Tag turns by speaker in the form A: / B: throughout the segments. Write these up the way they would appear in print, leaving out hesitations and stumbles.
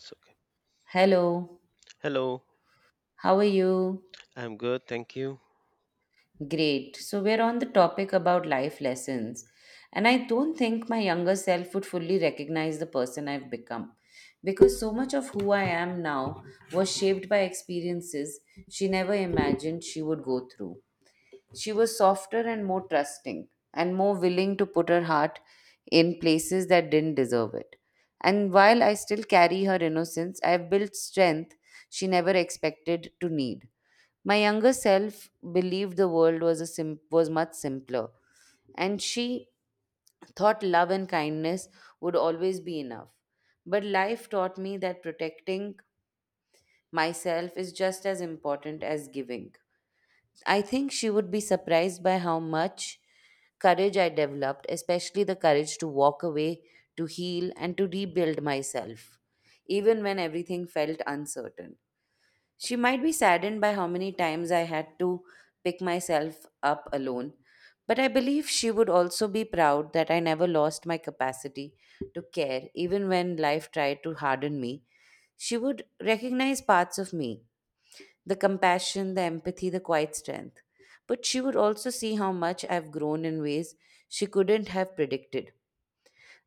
A: It's okay.
B: Hello,
A: Hello,
B: how are you?
A: I'm good, thank you.
B: Great. So, we're on the topic about life lessons, and I don't think my younger self would fully recognize the person I've become because so much of who I am now was shaped by experiences she never imagined she would go through. She was softer and more trusting and more willing to put her heart in places that didn't deserve it. And while I still carry her innocence, I've built strength she never expected to need. My younger self believed the world was was much simpler, and she thought love and kindness would always be enough. But life taught me that protecting myself is just as important as giving. I think she would be surprised by how much courage I developed, especially the courage to walk away, to heal, and to rebuild myself, even when everything felt uncertain. She might be saddened by how many times I had to pick myself up alone, but I believe she would also be proud that I never lost my capacity to care, even when life tried to harden me. She would recognize parts of me, the compassion, the empathy, the quiet strength. But she would also see how much I've grown in ways she couldn't have predicted.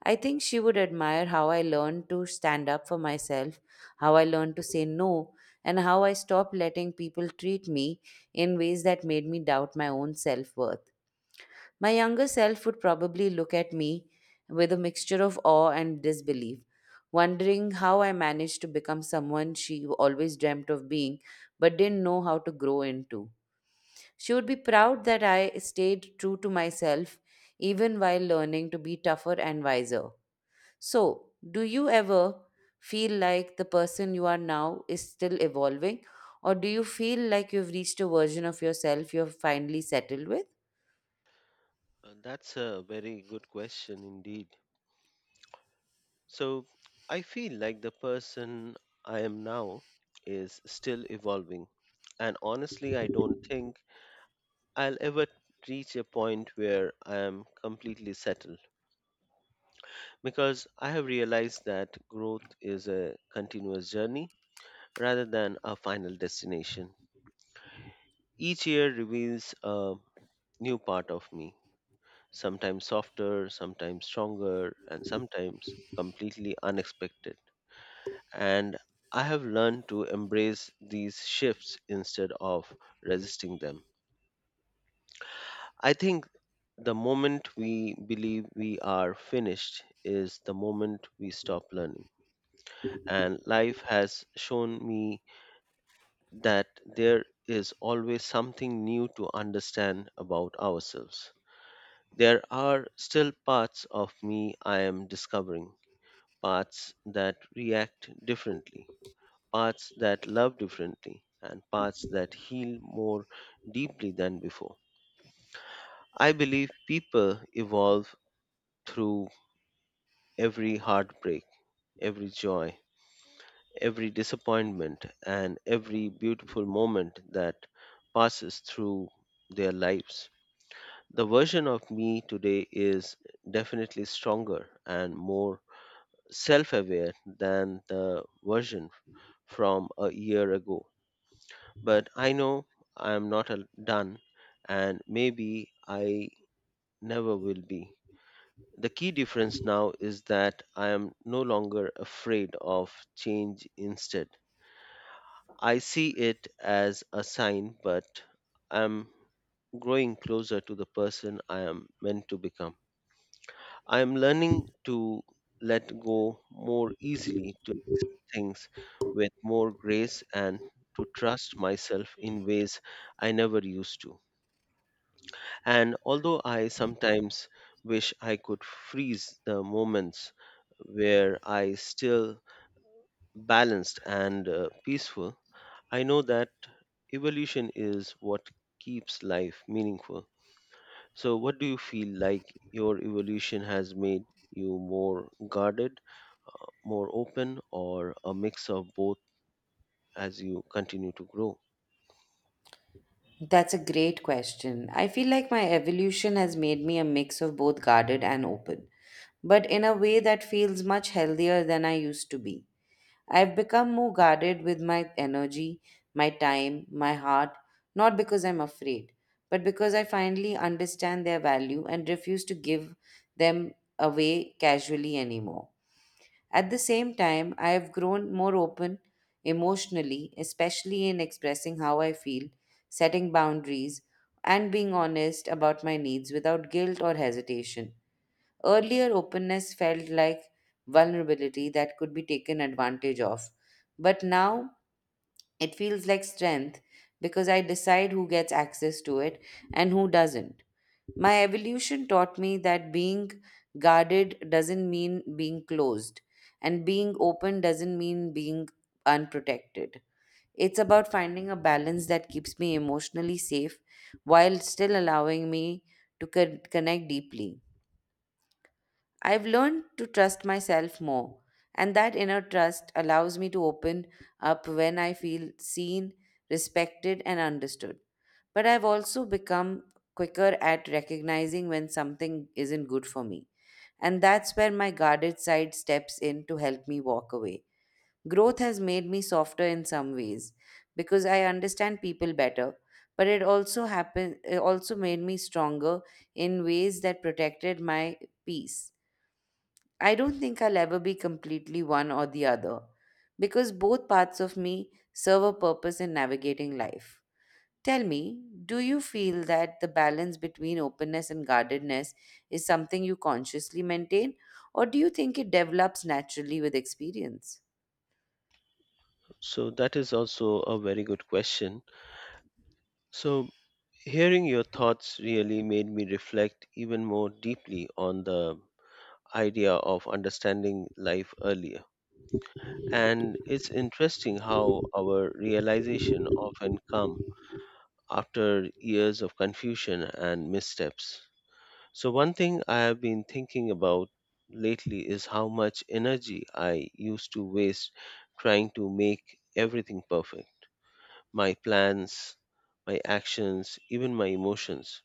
B: I think she would admire how I learned to stand up for myself, how I learned to say no, and how I stopped letting people treat me in ways that made me doubt my own self worth. My younger self would probably look at me with a mixture of awe and disbelief, wondering how I managed to become someone she always dreamt of being but didn't know how to grow into. She would be proud that I stayed true to myself even while learning to be tougher and wiser. So, do you ever feel like the person you are now is still evolving, or do you feel like you've reached a version of yourself you're finally settled with?
A: That's a very good question indeed. So, I feel like the person I am now is still evolving. And honestly, I don't think I'll ever reach a point where I am completely settled because I have realized that growth is a continuous journey rather than a final destination. Each year reveals a new part of me, sometimes softer, sometimes stronger, and sometimes completely unexpected. And I have learned to embrace these shifts instead of resisting them. I think the moment we believe we are finished is the moment we stop learning. And life has shown me that there is always something new to understand about ourselves. There are still parts of me I am discovering, parts that react differently, parts that love differently, and parts that heal more deeply than before. I believe people evolve through every heartbreak, every joy, every disappointment, and every beautiful moment that passes through their lives. The version of me today is definitely stronger and more self aware than the version from a year ago. But I know I am not done, and maybe I never will be. The key difference now is that I am no longer afraid of change. Instead, I see it as a sign, but I'm growing closer to the person I am meant to become. I am learning to let go more easily, to things with more grace, and to trust myself in ways I never used to. And although I sometimes wish I could freeze the moments where I still balanced and peaceful, I know that evolution is what keeps life meaningful. So, what do you feel like your evolution has made you, more guarded, more open, or a mix of both as you continue to grow?
B: That's a great question. I feel like my evolution has made me a mix of both guarded and open, but in a way that feels much healthier than I used to be. I've become more guarded with my energy, my time, my heart, not because I'm afraid, but because I finally understand their value and refuse to give them away casually anymore. At the same time, I have grown more open emotionally, especially in expressing how I feel, setting boundaries, and being honest about my needs without guilt or hesitation. Earlier openness felt like vulnerability that could be taken advantage of, but now it feels like strength because I decide who gets access to it and who doesn't. My evolution taught me that being guarded doesn't mean being closed, and being open doesn't mean being unprotected. It's about finding a balance that keeps me emotionally safe while still allowing me to connect deeply. I've learned to trust myself more, and that inner trust allows me to open up when I feel seen, respected, and understood. But I've also become quicker at recognizing when something isn't good for me. And that's where my guarded side steps in to help me walk away. Growth has made me softer in some ways because I understand people better, but it also made me stronger in ways that protected my peace. I don't think I'll ever be completely one or the other because both parts of me serve a purpose in navigating life. Tell me, do you feel that the balance between openness and guardedness is something you consciously maintain, or do you think it develops naturally with experience?
A: So, that is also a very good question. So, hearing your thoughts really made me reflect even more deeply on the idea of understanding life earlier. And it's interesting how our realization often come after years of confusion and missteps. So one thing I have been thinking about lately is how much energy I used to waste trying to make everything perfect. My plans, my actions, even my emotions,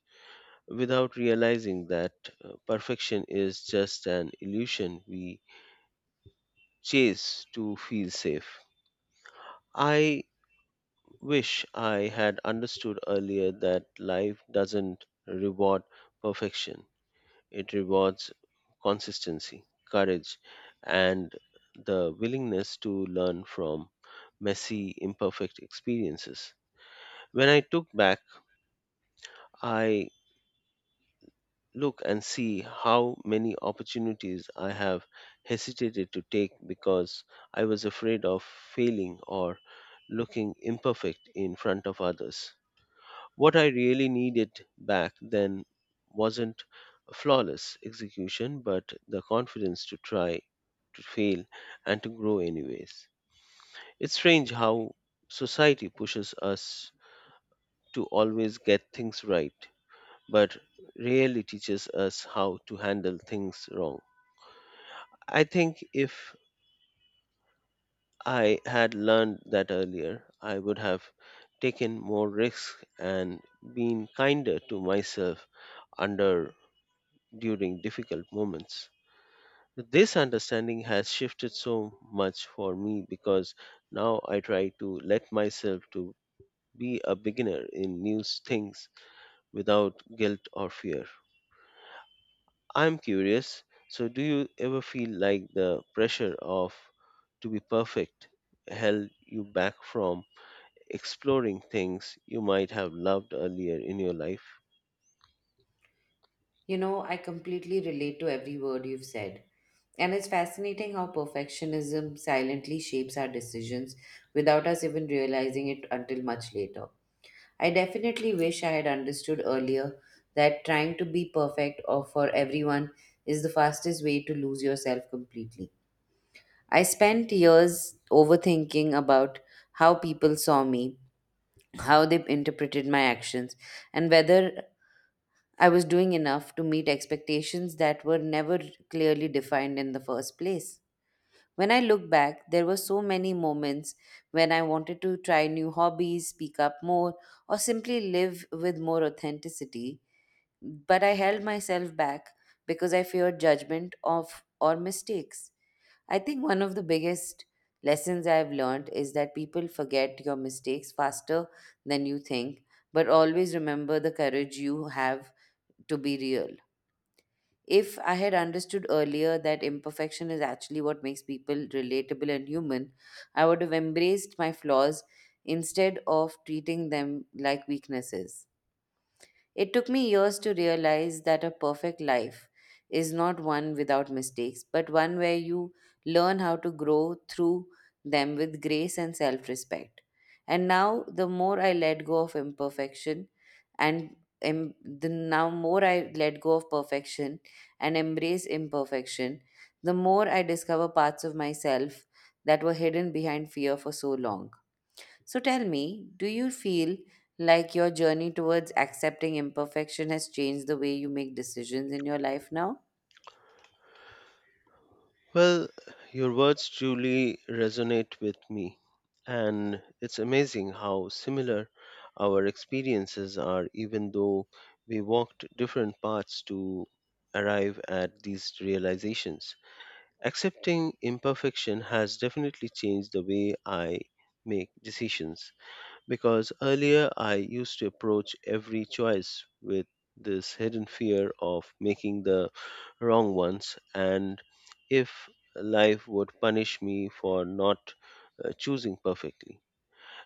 A: without realizing that perfection is just an illusion we chase to feel safe. I wish I had understood earlier that life doesn't reward perfection, it rewards consistency, courage, and the willingness to learn from messy, imperfect experiences. When I took back, I look and see how many opportunities I have hesitated to take because I was afraid of failing or looking imperfect in front of others. What I really needed back then wasn't flawless execution, but the confidence to try, to fail, and to grow anyways. It's strange how society pushes us to always get things right but rarely teaches us how to handle things wrong. I think if I had learned that earlier, I would have taken more risks and been kinder to myself under during difficult moments. This understanding has shifted so much for me because now I try to let myself to be a beginner in new things without guilt or fear. I'm curious. So, do you ever feel like the pressure of to be perfect held you back from exploring things you might have loved earlier in your life?
B: You know, I completely relate to every word you've said. And it's fascinating how perfectionism silently shapes our decisions without us even realizing it until much later. I definitely wish I had understood earlier that trying to be perfect or for everyone is the fastest way to lose yourself completely. I spent years overthinking about how people saw me, how they interpreted my actions, and whether I was doing enough to meet expectations that were never clearly defined in the first place. When I look back, there were so many moments when I wanted to try new hobbies, speak up more, or simply live with more authenticity, but I held myself back because I feared judgment of or mistakes. I think one of the biggest lessons I've learned is that people forget your mistakes faster than you think, but always remember the courage you have to be real. If I had understood earlier that imperfection is actually what makes people relatable and human, I would have embraced my flaws instead of treating them like weaknesses. It took me years to realize that a perfect life is not one without mistakes, but one where you learn how to grow through them with grace and self respect. And now, the more I let go of imperfection, and em- the now more I let go of perfection and embrace imperfection, the more I discover parts of myself that were hidden behind fear for so long. So tell me, do you feel like your journey towards accepting imperfection has changed the way you make decisions in your life now?
A: Well, your words truly resonate with me, and it's amazing how similar our experiences are, even though we walked different paths to arrive at these realizations. Accepting imperfection has definitely changed the way I make decisions because earlier I used to approach every choice with this hidden fear of making the wrong ones, and if life would punish me for not choosing perfectly.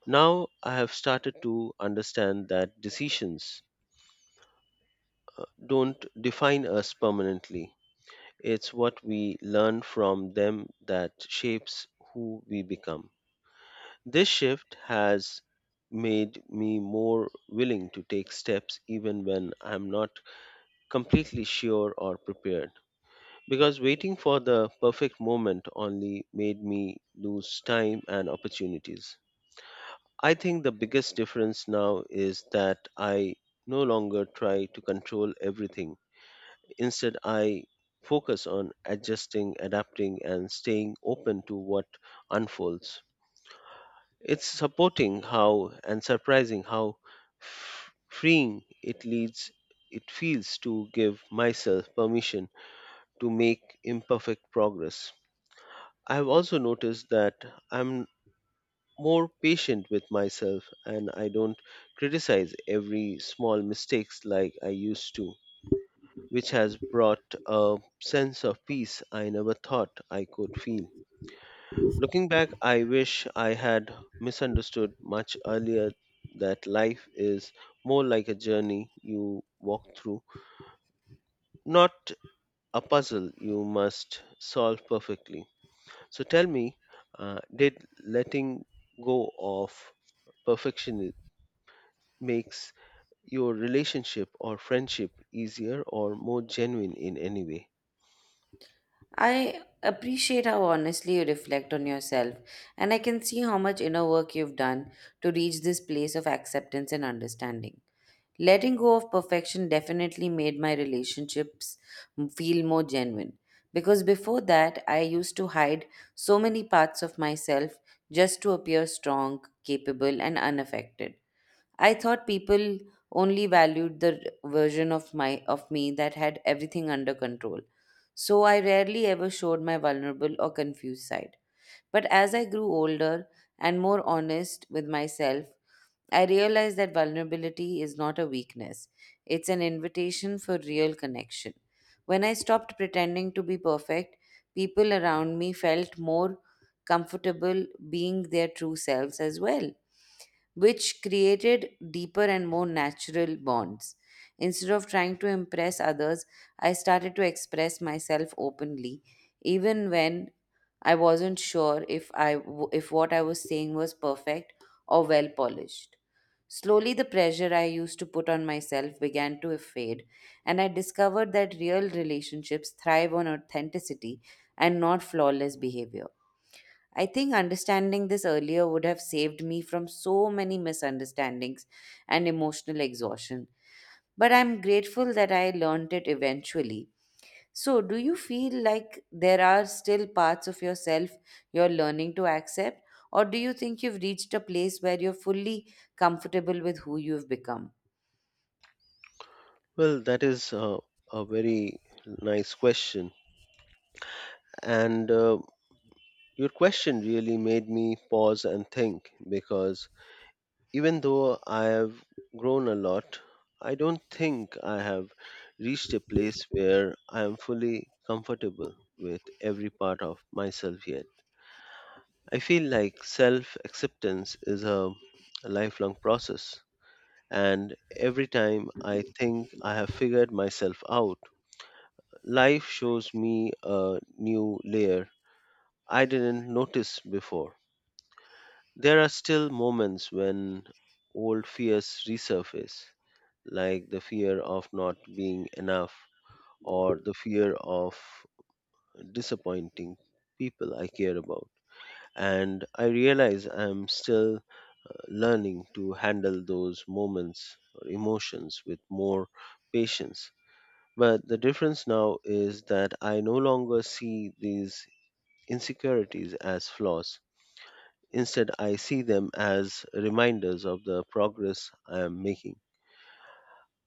A: Now I have started to understand that decisions don't define us permanently. It's what we learn from them that shapes who we become. This shift has made me more willing to take steps even when I'm not completely sure or prepared, because waiting for the perfect moment only made me lose time and opportunities. I think the biggest difference now is that I no longer try to control everything. Instead, I focus on adjusting, adapting, and staying open to what unfolds. It's supporting how and surprising how f- freeing it leads it feels to give myself permission to make imperfect progress. I have also noticed that I'm more patient with myself and I don't criticize every small mistakes like I used to, which has brought a sense of peace I never thought I could feel. Looking back, I wish I had misunderstood much earlier that life is more like a journey you walk through, not a puzzle you must solve perfectly. So tell me, did letting go of perfection makes your relationship or friendship easier or more genuine in any way?
B: I appreciate how honestly you reflect on yourself, and I can see how much inner work you've done to reach this place of acceptance and understanding. Letting go of perfection definitely made my relationships feel more genuine because before that, I used to hide so many parts of myself just to appear strong, capable, and unaffected. I thought people only valued the r- version of my of me that had everything under control. So I rarely ever showed my vulnerable or confused side. But as I grew older and more honest with myself, I realized that vulnerability is not a weakness, it's an invitation for real connection. When I stopped pretending to be perfect, people around me felt more comfortable being their true selves as well, which created deeper and more natural bonds. Instead of trying to impress others, I started to express myself openly, even when I wasn't sure if I w- if what I was saying was perfect or well polished. Slowly, the pressure I used to put on myself began to fade, and I discovered that real relationships thrive on authenticity and not flawless behavior. I think understanding this earlier would have saved me from so many misunderstandings and emotional exhaustion. But I'm grateful that I learned it eventually. So, do you feel like there are still parts of yourself you're learning to accept, or do you think you've reached a place where you're fully comfortable with who you've become?
A: Well, that is a very nice question. And your question really made me pause and think because even though I have grown a lot, I don't think I have reached a place where I am fully comfortable with every part of myself yet. I feel like self acceptance is a lifelong process, and every time I think I have figured myself out, life shows me a new layer I didn't notice before. There are still moments when old fears resurface, like the fear of not being enough or the fear of disappointing people I care about. And I realize I'm still learning to handle those moments or emotions with more patience. But the difference now is that I no longer see these insecurities as flaws. Instead, I see them as reminders of the progress I am making.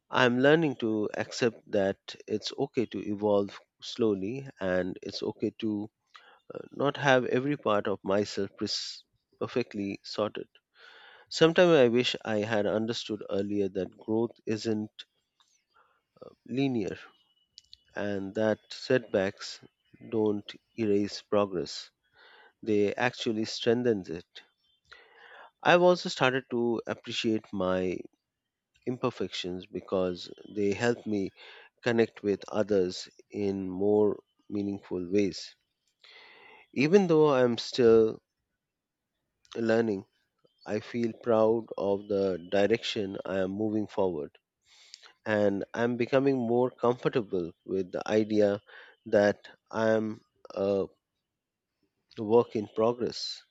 A: I'm learning to accept that it's okay to evolve slowly and it's okay to not have every part of myself perfectly sorted. Sometimes I wish I had understood earlier that growth isn't linear and that setbacks don't erase progress, they actually strengthen it. I've also started to appreciate my imperfections because they help me connect with others in more meaningful ways. Even though I am still learning, I feel proud of the direction I am moving forward, and I'm becoming more comfortable with the idea that I am a work in progress.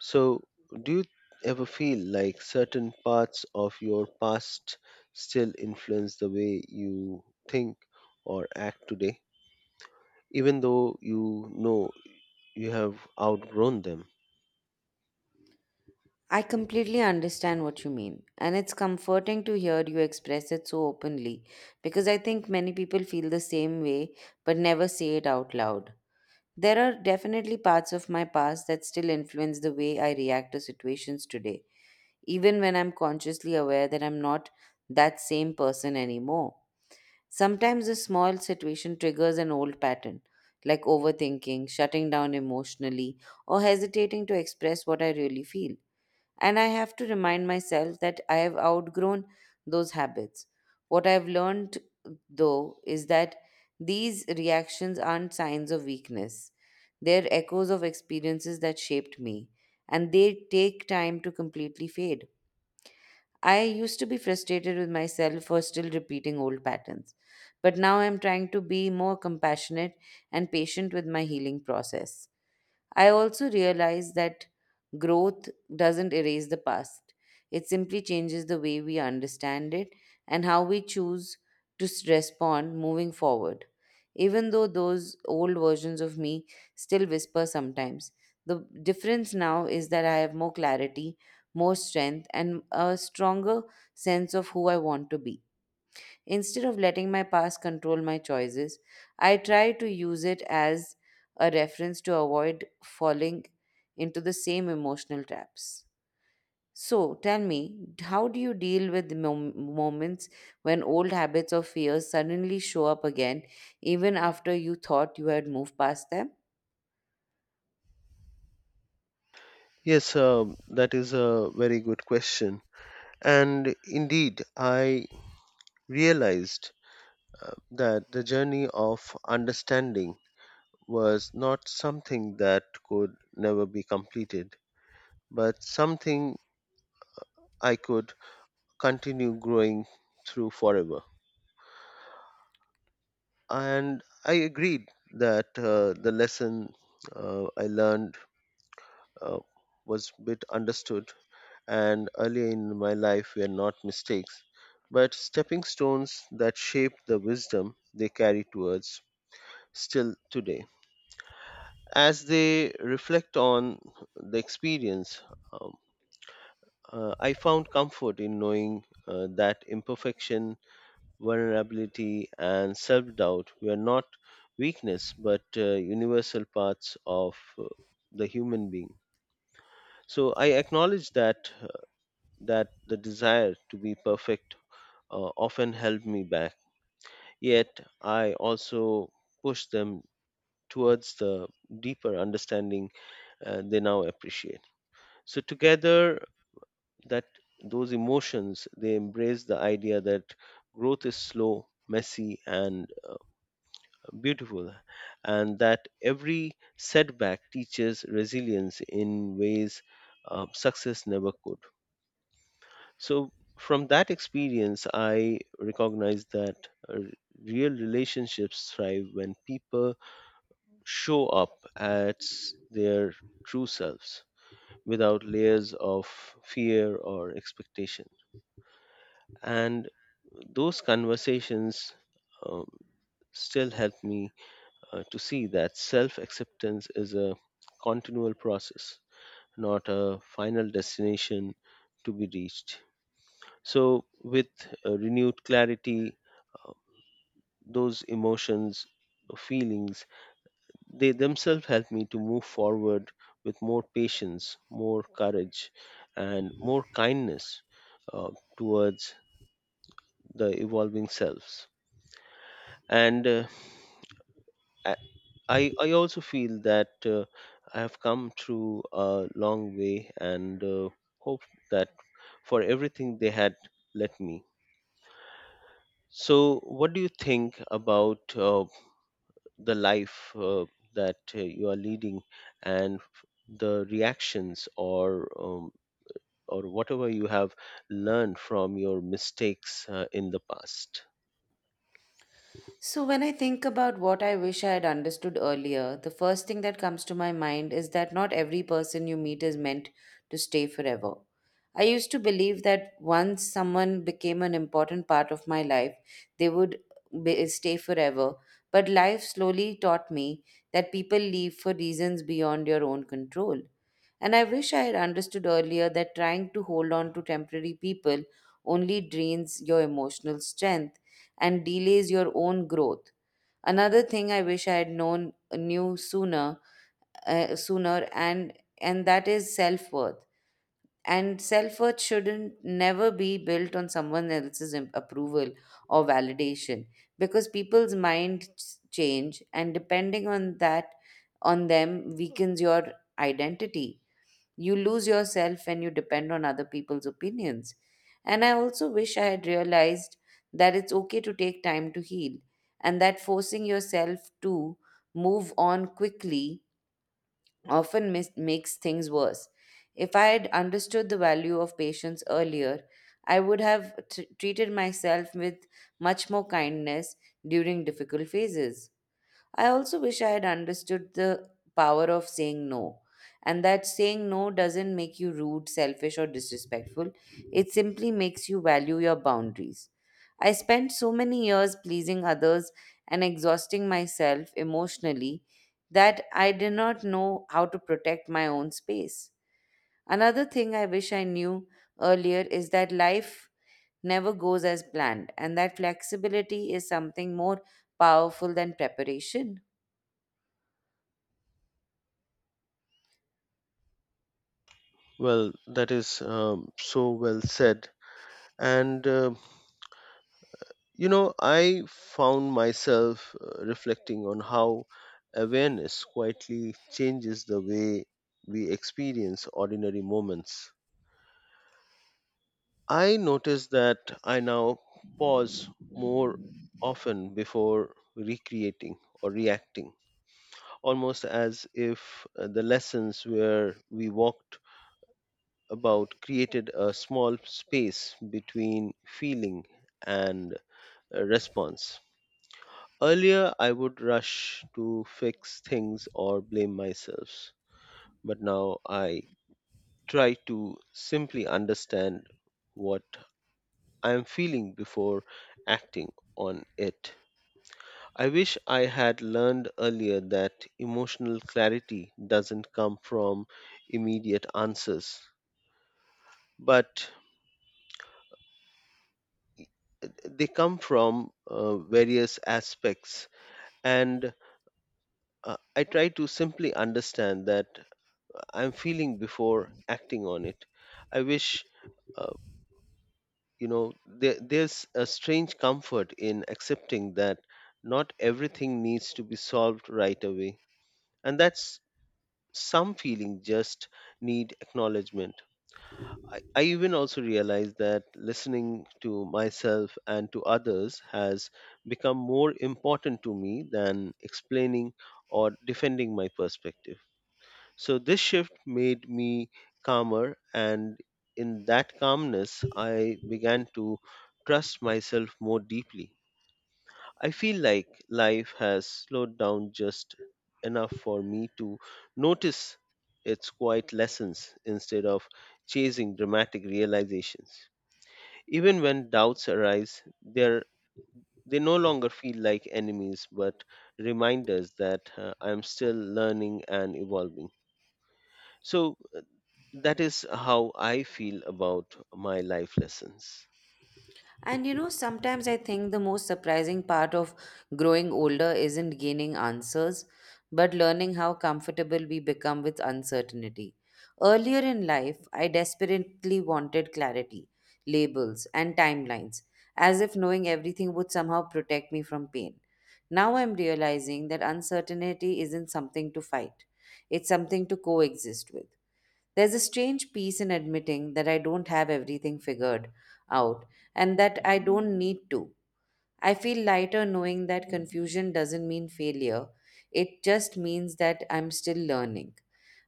A: So, do you ever feel like certain parts of your past still influence the way you think or act today, even though you know you have outgrown them?
B: I completely understand what you mean, and it's comforting to hear you express it so openly because I think many people feel the same way but never say it out loud. There are definitely parts of my past that still influence the way I react to situations today, even when I'm consciously aware that I'm not that same person anymore. Sometimes a small situation triggers an old pattern, like overthinking, shutting down emotionally, or hesitating to express what I really feel. And I have to remind myself that I have outgrown those habits. What I've learned, though, is that these reactions aren't signs of weakness. They're echoes of experiences that shaped me, and they take time to completely fade. I used to be frustrated with myself for still repeating old patterns, but now I'm trying to be more compassionate and patient with my healing process. I also realize that growth doesn't erase the past, it simply changes the way we understand it and how we choose to respond moving forward. Even though those old versions of me still whisper sometimes, the difference now is that I have more clarity, more strength, and a stronger sense of who I want to be. Instead of letting my past control my choices, I try to use it as a reference to avoid falling into the same emotional traps. So, tell me, how do you deal with the moments when old habits or fears suddenly show up again, even after you thought you had moved past them?
A: Yes, that is a very good question. And indeed, I realized that the journey of understanding was not something that could never be completed, but something I could continue growing through forever. And I agreed that the lesson I learned uh, was bit understood, and earlier in my life were not mistakes, but stepping stones that shape the wisdom they carry towards still today. As they reflect on the experience, um, I found comfort in knowing that imperfection, vulnerability, and self doubt were not weakness but universal parts of the human being. So I acknowledge that that the desire to be perfect often held me back. Yet I also push them towards the deeper understanding they now appreciate. So together, that those emotions they embrace the idea that growth is slow, messy, and beautiful, and that every setback teaches resilience in ways success never could. So, from that experience, I recognize that uh, real relationships thrive when people show up as their true selves without layers of fear or expectation. And those conversations um, still help me to see that self acceptance is a continual process, not a final destination to be reached. So, with renewed clarity, those emotions, feelings, they themselves help me to move forward with more patience, more courage, and more kindness uh, towards the evolving selves. And I also feel that I have come through a long way and hope that for everything they had let me. So, what do you think about the life that you are leading and the reactions or whatever you have learned from your mistakes in the past?
B: So, when I think about what I wish I had understood earlier, the first thing that comes to my mind is that not every person you meet is meant to stay forever. I used to believe that once someone became an important part of my life, they would stay forever. But life slowly taught me that people leave for reasons beyond your own control. And I wish I had understood earlier that trying to hold on to temporary people only drains your emotional strength and delays your own growth. Another thing I wish I had known knew sooner, uh, sooner and and that is self-worth. And self-worth shouldn't never be built on someone else's approval or validation, because people's minds change, and depending on that on them weakens your identity. You lose yourself when you depend on other people's opinions. And I also wish I had realized that it's okay to take time to heal, and that forcing yourself to move on quickly often makes things worse. If I had understood the value of patience earlier, I would have treated myself with much more kindness during difficult phases. I also wish I had understood the power of saying no, and that saying no doesn't make you rude, selfish, or disrespectful. It simply makes you value your boundaries. I spent so many years pleasing others and exhausting myself emotionally that I did not know how to protect my own space. Another thing I wish I knew earlier is that life never goes as planned, and that flexibility is something more powerful than preparation.
A: Well, that is so well said. And you know, I found myself reflecting on how awareness quietly changes the way we experience ordinary moments. I noticed that I now pause more often before recreating or reacting, almost as if the lessons where we walked about created a small space between feeling and response. Earlier, I would rush to fix things or blame myself, but now I try to simply understand what I am feeling before acting on it. I wish I had learned earlier that emotional clarity doesn't come from immediate answers, but they come from various aspects. And I try to simply understand that I'm feeling before acting on it. I wish, uh, you know, there's a strange comfort in accepting that not everything needs to be solved right away. And that's some feeling just need acknowledgement. I even also realize that listening to myself and to others has become more important to me than explaining or defending my perspective. So this shift made me calmer, and in that calmness, I began to trust myself more deeply. I feel like life has slowed down just enough for me to notice its quiet lessons instead of chasing dramatic realizations. Even when doubts arise, they no longer feel like enemies but reminders that I'm still learning and evolving. So, that is how I feel about my life lessons.
B: And you know, sometimes I think the most surprising part of growing older isn't gaining answers, but learning how comfortable we become with uncertainty. Earlier in life, I desperately wanted clarity, labels, and timelines, as if knowing everything would somehow protect me from pain. Now I'm realizing that uncertainty isn't something to fight, it's something to coexist with. There's a strange peace in admitting that I don't have everything figured out and that I don't need to. I feel lighter knowing that confusion doesn't mean failure, it just means that I'm still learning.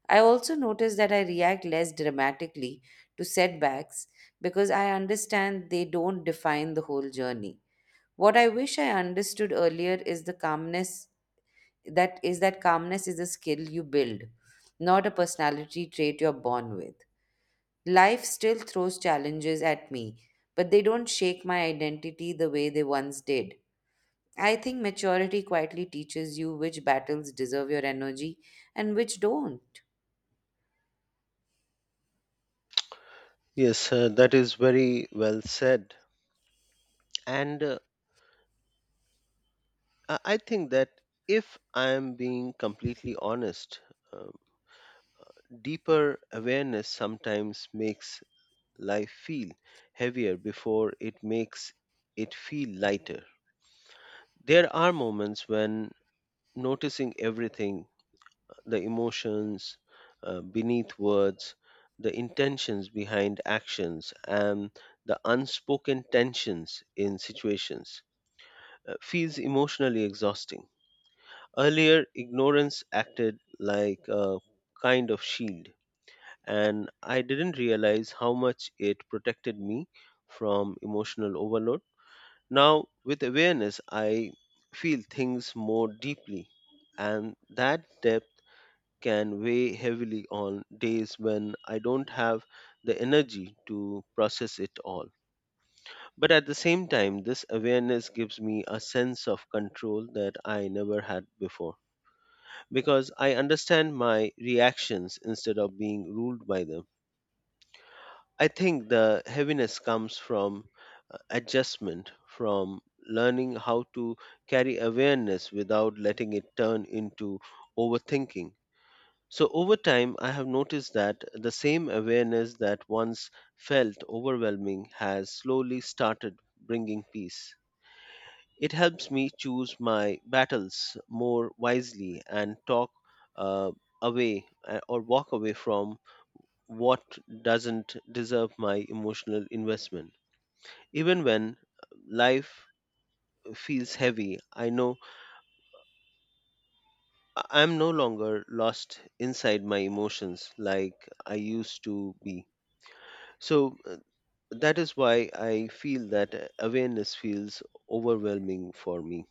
B: I also notice that I react less dramatically to setbacks because I understand they don't define the whole journey. What I wish I understood earlier is the calmness that is that calmness is a skill you build, not a personality trait you're born with. Life still throws challenges at me, but they don't shake my identity the way they once did. I think maturity quietly teaches you which battles deserve your energy and which don't.
A: Yes, that is very well said. And I think that if I am being completely honest, uh, deeper awareness sometimes makes life feel heavier before it makes it feel lighter. There are moments when noticing everything, the emotions beneath words, the intentions behind actions, and the unspoken tensions in situations feels emotionally exhausting. Earlier, ignorance acted like a kind of shield, and I didn't realize how much it protected me from emotional overload. Now, with awareness, I feel things more deeply, and that depth can weigh heavily on days when I don't have the energy to process it all. But at the same time, this awareness gives me a sense of control that I never had before because I understand my reactions instead of being ruled by them. I think the heaviness comes from adjustment, from learning how to carry awareness without letting it turn into overthinking. So, over time, I have noticed that the same awareness that once felt overwhelming has slowly started bringing peace. It helps me choose my battles more wisely and talk uh, away or walk away from what doesn't deserve my emotional investment. Even when life feels heavy, I know I'm no longer lost inside my emotions like I used to be. So, that is why I feel that awareness feels overwhelming for me.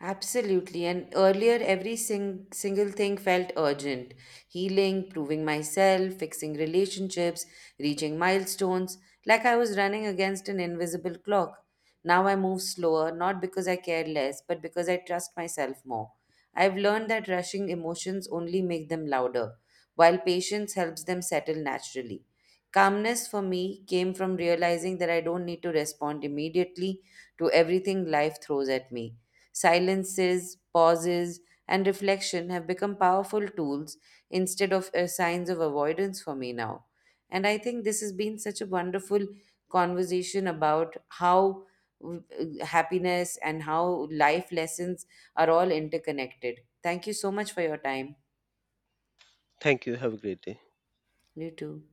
B: Absolutely. And earlier, single thing felt urgent, healing, proving myself, fixing relationships, reaching milestones, like I was running against an invisible clock. Now I move slower, not because I care less, but because I trust myself more. I've learned that rushing emotions only make them louder, while patience helps them settle naturally. Calmness for me came from realizing that I don't need to respond immediately to everything life throws at me. Silences, pauses, and reflection have become powerful tools instead of signs of avoidance for me now. And I think this has been such a wonderful conversation about how happiness and how life lessons are all interconnected. Thank you so much for your time.
A: Thank you. Have a great day.
B: You too.